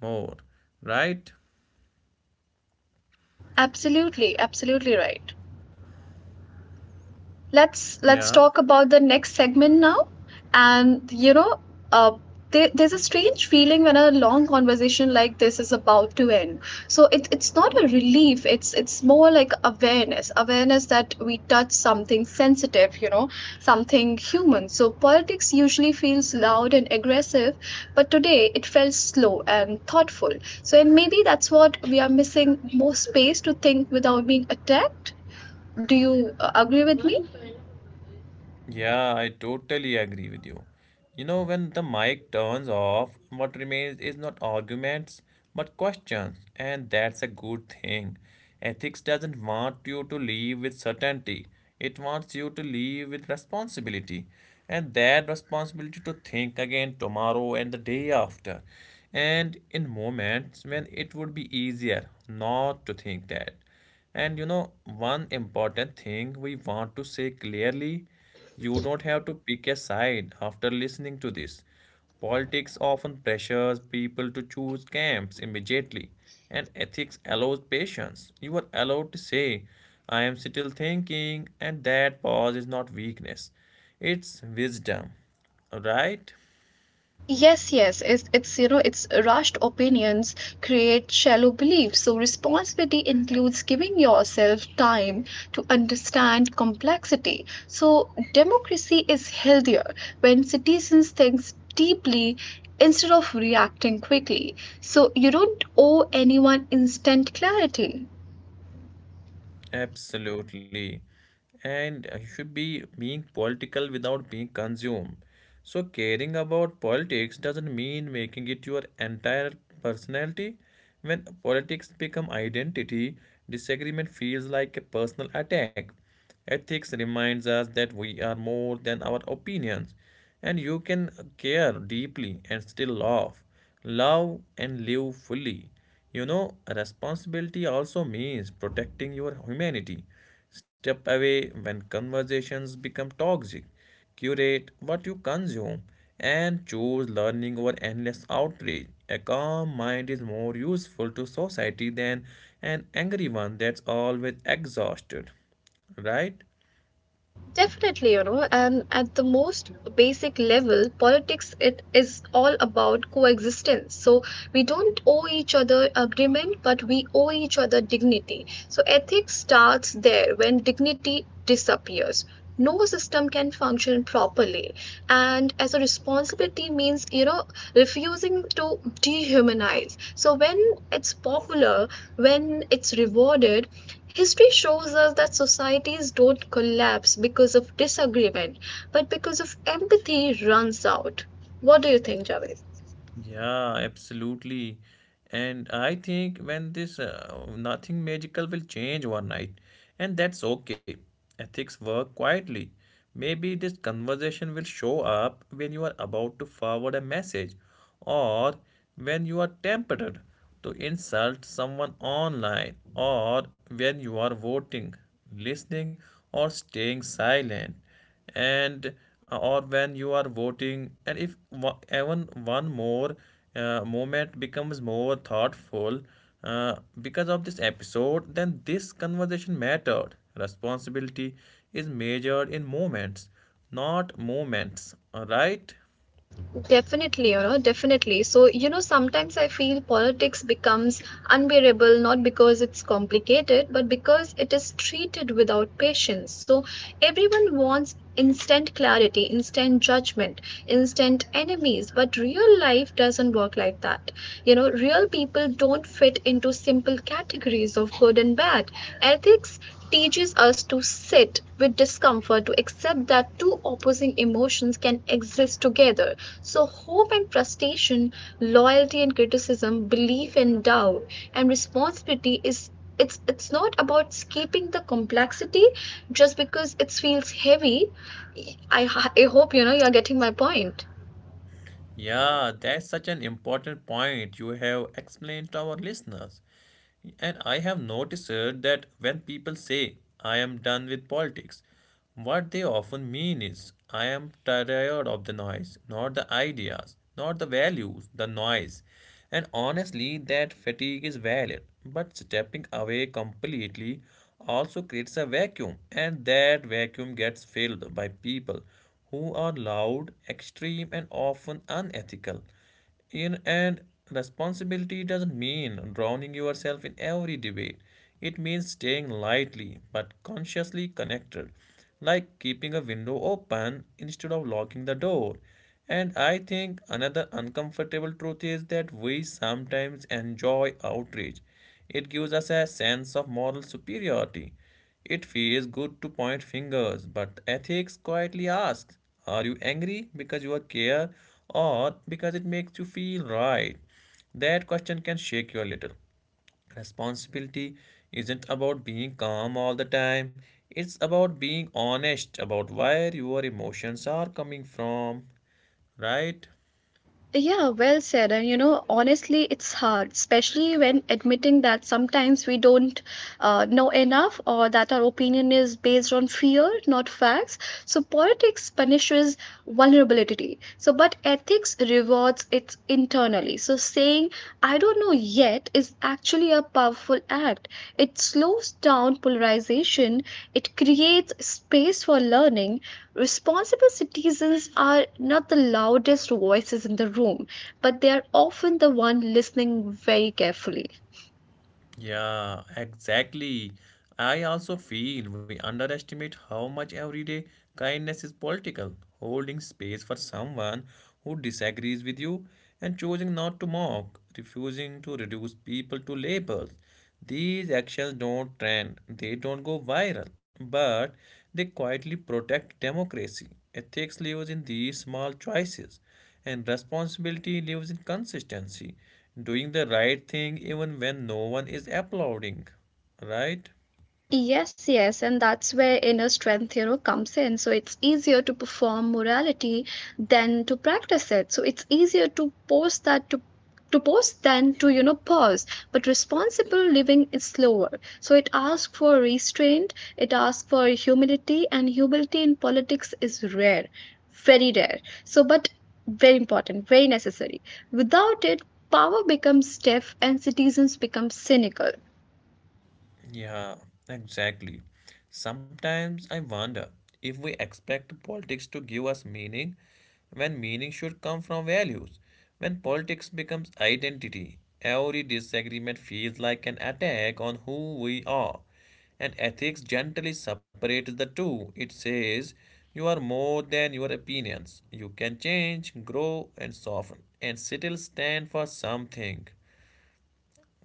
A: more, right?
B: Absolutely, absolutely right. Let's
A: Yeah.
B: talk about the next segment now. And you know, uh, there's a strange feeling when a long conversation like this is about to end. So it's not a relief, it's more like awareness, awareness that we touch something sensitive, you know, something human. So politics usually feels loud and aggressive, but today it felt slow and thoughtful. So and maybe that's what we are missing, more space to think without being attacked. Do you agree with me?
A: Yeah, I totally agree with you. You know, when the mic turns off, what remains is not arguments but questions, and that's a good thing. Ethics doesn't want you to leave with certainty, it wants you to leave with responsibility, and that responsibility to think again tomorrow and the day after, and in moments when it would be easier not to think that. And you know, one important thing we want to say clearly, you don't have to pick a side after listening to this. Politics often pressures people to choose camps immediately, and ethics allows patience. You are allowed to say, I am still thinking, and that pause is not weakness, it's wisdom, right?
B: Yes, yes, it's you know, it's rushed opinions create shallow beliefs. So, responsibility includes giving yourself time to understand complexity. So, democracy is healthier when citizens think deeply instead of reacting quickly. So, you don't owe anyone instant clarity.
A: Absolutely. And you should be being political without being consumed. So caring about politics doesn't mean making it your entire personality. When politics become identity, disagreement feels like a personal attack. Ethics reminds us that we are more than our opinions, and you can care deeply and still love and live fully. You know, responsibility also means protecting your humanity. Step away when conversations become toxic. Curate what you consume and choose learning over endless outrage. A calm mind is more useful to society than an angry one that's always exhausted. Right?
B: Definitely, you know, and at the most basic level, politics it is all about coexistence. So we don't owe each other agreement, but we owe each other dignity. So ethics starts there. When dignity disappears, no system can function properly. And as a responsibility means, you know, refusing to dehumanize, so when it's popular, when it's rewarded, history shows us that societies don't collapse because of disagreement, but because of empathy runs out. What do you think, Javed?
A: Yeah, absolutely. And I think when this nothing magical will change overnight, and that's okay. Ethics work quietly. Maybe this conversation will show up when you are about to forward a message or when you are tempted to insult someone online or when you are voting, listening, or staying silent and or when you are voting, and if even one more moment becomes more thoughtful uh, because of this episode, then this conversation mattered. Responsibility is measured in moments, not moments, right?
B: Definitely, you know, definitely. So, you know, sometimes I feel politics becomes unbearable not because it's complicated, but because it is treated without patience. So, everyone wants instant clarity, instant judgment, instant enemies, but real life doesn't work like that. You know, real people don't fit into simple categories of good and bad. Ethics teaches us to sit with discomfort, to accept that two opposing emotions can exist together. So, hope and frustration, loyalty and criticism, belief and doubt, and responsibility is. It's not about escaping the complexity just because it feels heavy. I hope you know you're getting my point.
A: Yeah, that's such an important point you have explained to our listeners. And I have noticed that when people say, I am done with politics, what they often mean is, I am tired of the noise, not the ideas, not the values, the noise. And honestly, that fatigue is valid, but stepping away completely also creates a vacuum, and that vacuum gets filled by people who are loud, extreme, and often unethical. In, and responsibility doesn't mean drowning yourself in every debate. It means staying lightly but consciously connected, like keeping a window open instead of locking the door. And I think another uncomfortable truth is that we sometimes enjoy outrage. It gives us a sense of moral superiority. It feels good to point fingers, but ethics quietly asks, are you angry because you care, or because it makes you feel right? That question can shake you a little. Responsibility isn't about being calm all the time, it's about being honest about where your emotions are coming from, right?
B: Yeah, well said. And you know, honestly, it's hard, especially when admitting that sometimes we don't know enough or that our opinion is based on fear, not facts. So, politics punishes vulnerability. So, but ethics rewards it internally. So, saying, I don't know yet is actually a powerful act. It slows down polarization, it creates space for learning. Responsible citizens are not the loudest voices in the room, but they are often the one listening very carefully.
A: Yeah, exactly. I also feel we underestimate how much everyday kindness is political. Holding space for someone who disagrees with you, and choosing not to mock, refusing to reduce people to labels. These actions don't trend, they don't go viral, but they quietly protect democracy. Ethics lives in these small choices, and responsibility lives in consistency, doing the right thing even when no one is applauding. Right?
B: Yes, yes, and that's where inner strength, you know, comes in. So it's easier to perform morality than to practice it. So it's easier to post that to post than to, you know, pause. But responsible living is slower, so it asks for restraint, it asks for humility, and humility in politics is rare, very rare. So but very important, very necessary. Without it, power becomes stiff and citizens become cynical.
A: Yeah, exactly. Sometimes I wonder if we expect politics to give us meaning when meaning should come from values. When politics becomes identity, every disagreement feels like an attack on who we are. And ethics gently separates the two. It says, you are more than your opinions. You can change, grow, and soften, and still stand for something,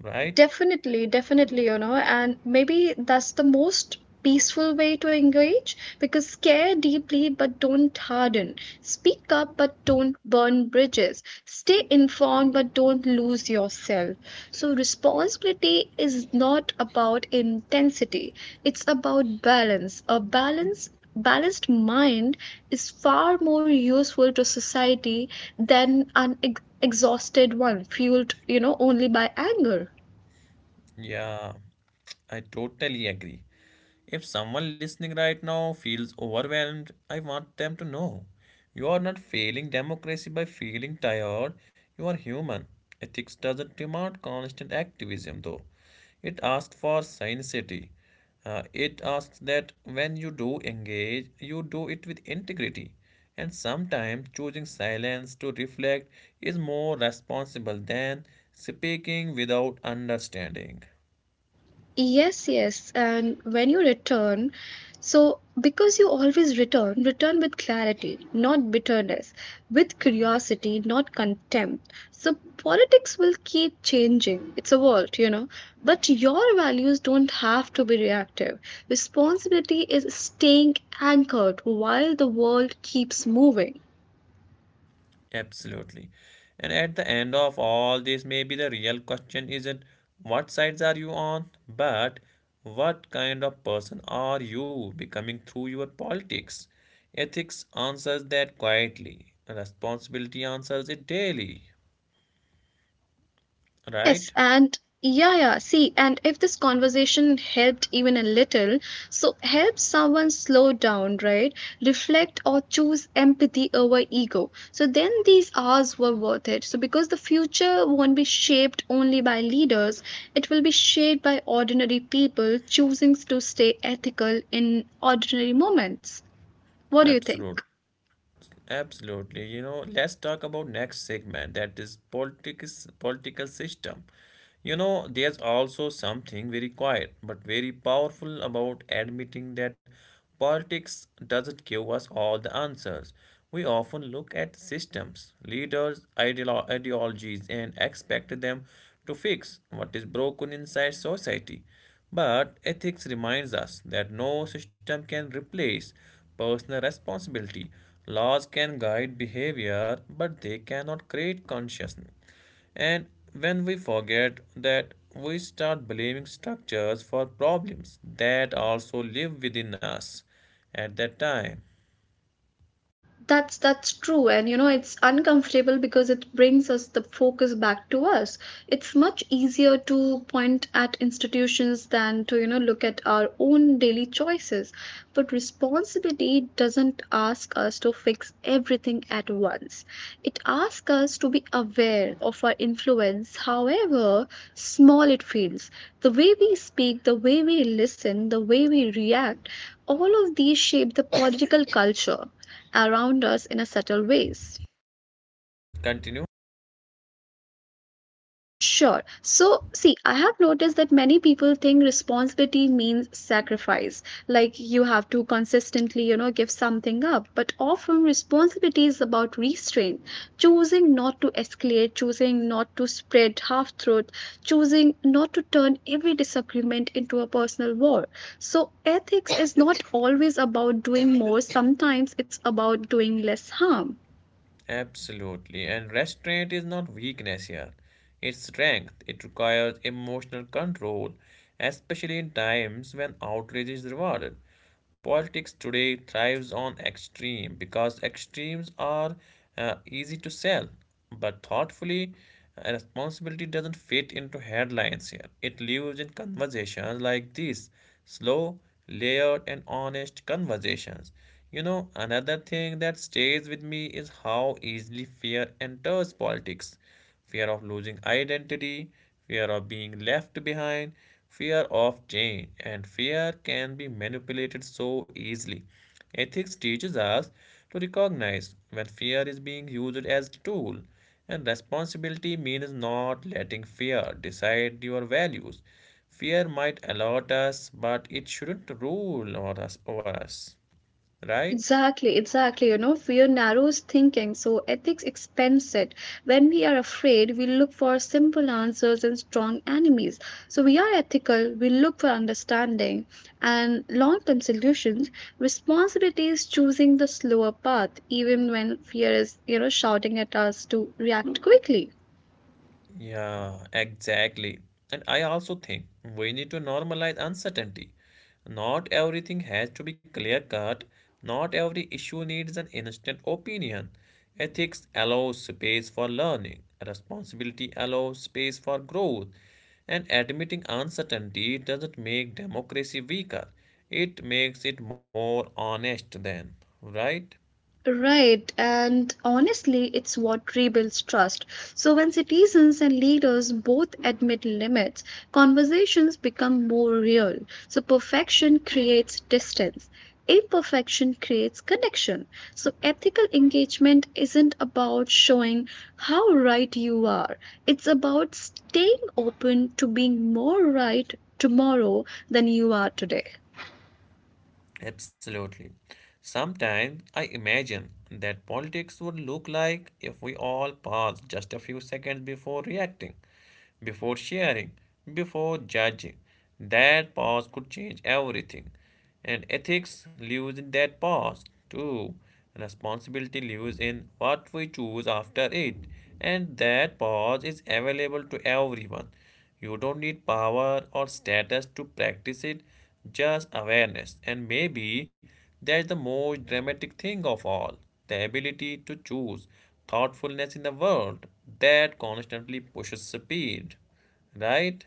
A: right?
B: Definitely, definitely, you know, and maybe that's the most peaceful way to engage, because care deeply but don't harden. Speak up but don't burn bridges. Stay informed but don't lose yourself. So, responsibility is not about intensity, it's about balance. A balanced mind is far more useful to society than an exhausted one fueled, you know, only by anger.
A: Yeah, I totally agree. If someone listening right now feels overwhelmed, I want them to know you are not failing democracy by feeling tired. You are human. Ethics doesn't demand constant activism, though. It asks for sincerity. It asks that when you do engage, you do it with integrity. And sometimes choosing silence to reflect is more responsible than speaking without understanding.
B: Yes, yes. And when you return, so because you always return, return with clarity, not bitterness, with curiosity, not contempt. So politics will keep changing. It's a world, you know. But your values don't have to be reactive. Responsibility is staying anchored while the world keeps moving.
A: Absolutely. And at the end of all this, maybe the real question isn't what sides are you on, but what kind of person are you becoming through your politics? Ethics answers that quietly, responsibility answers it daily,
B: Yes,
A: right?
B: and yeah, yeah. See, and if this conversation helped even a little, so help someone slow down, right? Reflect or choose empathy over ego. So then these hours were worth it. So because the future won't be shaped only by leaders, it will be shaped by ordinary people choosing to stay ethical in ordinary moments. What do you think?
A: Absolutely. Absolutely. You know, let's talk about next segment, that is politics, political system. You know, there's also something very quiet but very powerful about admitting that politics doesn't give us all the answers. We often look at systems, leaders, ideologies, and expect them to fix what is broken inside society. But ethics reminds us that no system can replace personal responsibility. Laws can guide behavior, but they cannot create consciousness. And when we forget that, we start blaming structures for problems that also live within us at that time.
B: That's true, and you know it's uncomfortable because it brings us the focus back to us. It's much easier to point at institutions than to, you know, look at our own daily choices. But responsibility doesn't ask us to fix everything at once, it asks us to be aware of our influence, however small it feels. The way we speak, the way we listen, the way we react, all of these shape the political culture around us in a subtle ways.
A: Continue.
B: Sure. So, see, I have noticed that many people think responsibility means sacrifice, like you have to consistently, you know, give something up. But often, responsibility is about restraint, choosing not to escalate, choosing not to spread half truth, choosing not to turn every disagreement into a personal war. So, ethics is not always about doing more, sometimes it's about doing less harm.
A: Absolutely. And restraint is not weakness here. It's strength. It requires emotional control, especially in times when outrage is rewarded. Politics today thrives on extreme because extremes are easy to sell. But thoughtfully, responsibility doesn't fit into headlines here. It lives in conversations like these, slow, layered, and honest conversations. You know, another thing that stays with me is how easily fear enters politics, fear of losing identity, fear of being left behind, fear of change, and fear can be manipulated so easily. Ethics teaches us to recognize when fear is being used as a tool, and responsibility means not letting fear decide your values. Fear might alert us, but it shouldn't rule over us, over us, right?
B: Exactly, exactly. You know, fear narrows thinking, so ethics expands it. When we are afraid, we look for simple answers and strong enemies. So we are ethical, we look for understanding and long term solutions. Responsibility is choosing the slower path, even when fear is, you know, shouting at us to react quickly.
A: Yeah, exactly. And I also think we need to normalize uncertainty. Not everything has to be clear cut, not every issue needs an instant opinion. Ethics allows space for learning, responsibility allows space for growth, and admitting uncertainty doesn't make democracy weaker, it makes it more honest, then, right?
B: Right, and honestly, it's what rebuilds trust. So, when citizens and leaders both admit limits, conversations become more real. So, perfection creates distance, imperfection creates connection. So, ethical engagement isn't about showing how right you are, it's about staying open to being more right tomorrow than you are today.
A: Absolutely. Sometimes I imagine that politics would look like if we all paused just a few seconds before reacting, before sharing, before judging. That pause could change everything. And ethics lives in that pause too. Responsibility lives in what we choose after it. And that pause is available to everyone. You don't need power or status to practice it, just awareness. And maybe that's the most dramatic thing of all, the ability to choose thoughtfulness in the world that constantly pushes speed, right?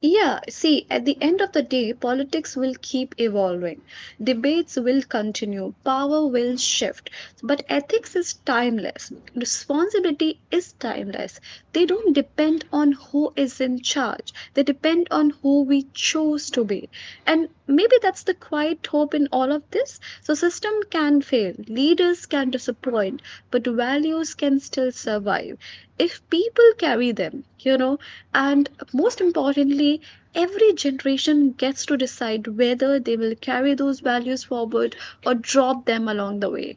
B: Yeah, see, at the end of the day, politics will keep evolving. Debates will continue, power will shift, but ethics is timeless. Responsibility is timeless. They don't depend on who is in charge, they depend on who we choose to be. And maybe that's the quiet hope in all of this. So system can fail, leaders can disappoint, but values can still survive if people carry them, you know. And most importantly, every generation gets to decide whether they will carry those values forward or drop them along the way.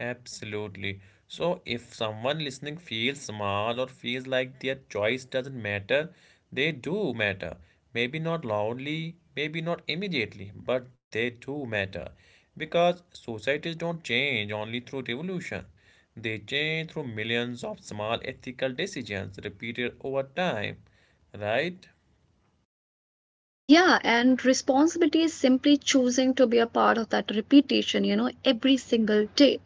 A: Absolutely. So, if someone listening feels small or feels like their choice doesn't matter, they do matter. Maybe not loudly, maybe not immediately, but they do matter. Because societies don't change only through revolution, they change through millions of small ethical decisions repeated over time, right?
B: Yeah, and responsibility is simply choosing to be a part of that repetition, you know, every single day.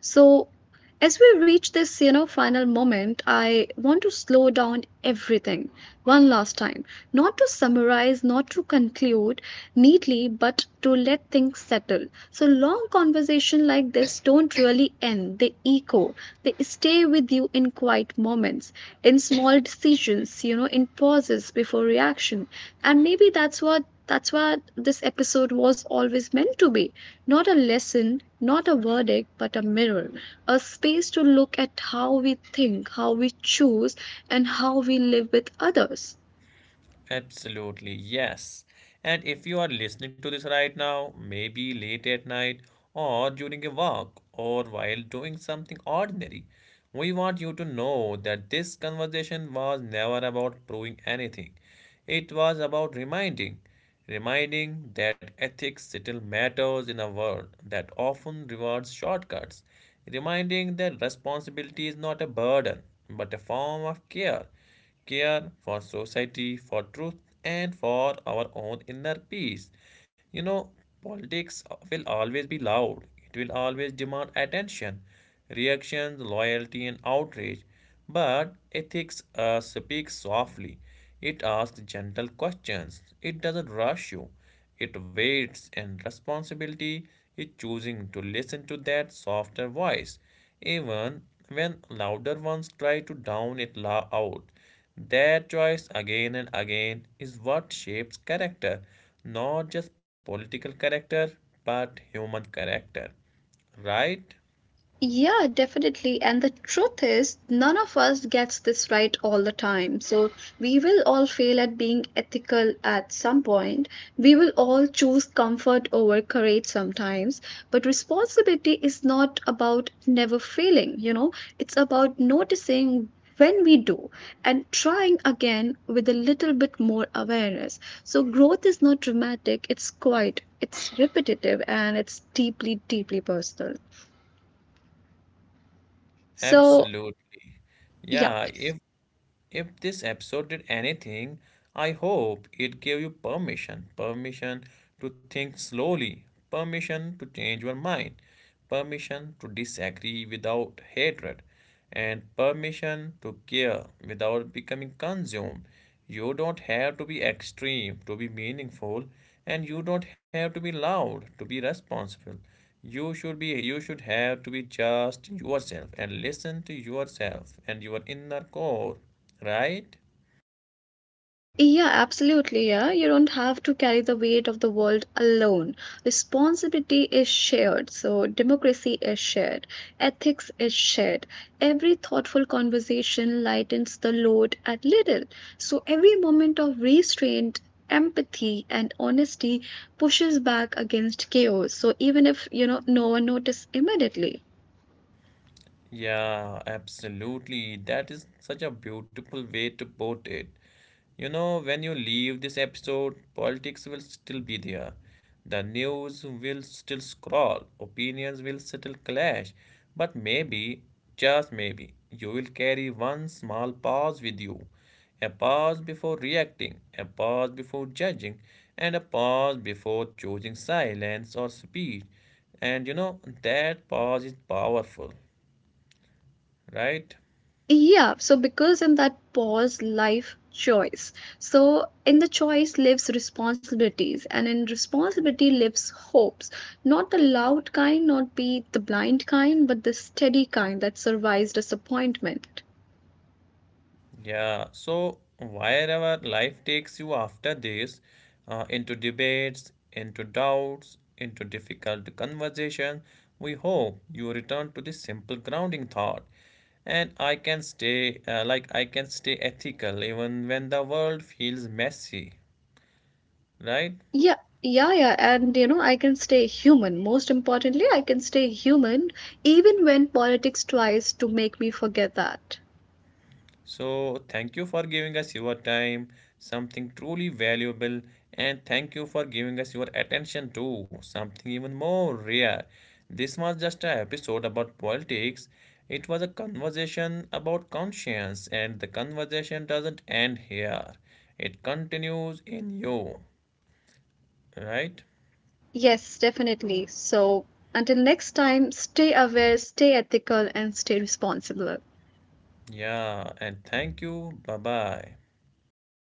B: So, as we reach this, you know, final moment, I want to slow down everything one last time, not to summarize, not to conclude neatly, but to let things settle. So, long conversation like this don't really end; they echo, they stay with you in quiet moments, in small decisions, you know, in pauses before reaction. And maybe that's what this episode was always meant to be, not a lesson, not a verdict, but a mirror, a space to look at how we think, how we choose, and how we live with others.
A: Absolutely, yes. And if you are listening to this right now, maybe late at night or during a walk or while doing something ordinary, we want you to know that this conversation was never about proving anything. It was about reminding, reminding that ethics still matters in a world that often rewards shortcuts, reminding that responsibility is not a burden but a form of care, care for society, for truth, and for our own inner peace. You know, politics will always be loud, it will always demand attention, reactions, loyalty, and outrage. But ethics speaks softly. It asks gentle questions. It doesn't rush you. It waits, and responsibility is choosing to listen to that softer voice, even when louder ones try to drown it out. That choice again and again is what shapes character, not just political character, but human character. Right?
B: Yeah, definitely. And the truth is, none of us gets this right all the time. So we will all fail at being ethical at some point. We will all choose comfort over courage sometimes. But responsibility is not about never failing, you know, it's about noticing when we do and trying again with a little bit more awareness. So growth is not dramatic, it's quiet, it's repetitive, and it's deeply, deeply personal. So,
A: Absolutely.
B: yeah,
A: Yeah,
B: please.
A: if if this episode did anything, I hope it gave you permission, permission to think slowly, permission to change your mind, permission to disagree without hatred, and permission to care without becoming consumed. You don't have to be extreme to be meaningful, and you don't have to be loud to be responsible. You should be, you should have to be just yourself and listen to yourself and your inner core, right?
B: Yeah, absolutely. Yeah, you don't have to carry the weight of the world alone. Responsibility is shared. So, democracy is shared. Ethics is shared. Every thoughtful conversation lightens the load a little. So, every moment of restraint, empathy, and honesty pushes back against chaos. So, even if, you know, no one notices immediately.
A: Yeah, absolutely. That is such a beautiful way to put it. You know, when you leave this episode, politics will still be there. The news will still scroll, opinions will still clash, but maybe, just maybe, you will carry one small pause with you. A pause before reacting, a pause before judging, and a pause before choosing silence or speech. And you know, that pause is powerful. Right?
B: Yeah, so because in that pause, life choice. So in the choice lives responsibilities, and in responsibility lives hopes. Not the loud kind, not be the blind kind, but the steady kind that survives disappointment.
A: Yeah. So, wherever life takes you after this, into debates, into doubts, into difficult conversation, we hope you return to this simple grounding thought. And I can stay, I can stay ethical even when the world feels messy. Right?
B: Yeah, yeah, yeah. And you know, I can stay human. Most importantly, I can stay human even when politics tries to make me forget that.
A: So, thank you for giving us your time, something truly valuable, and thank you for giving us your attention too, something even more rare. This was just an episode about politics. It was a conversation about conscience, and the conversation doesn't end here. It continues in you, right?
B: Yes, definitely. So until next time, stay aware, stay ethical, and stay responsible.
A: Yeah, and thank you. Bye bye.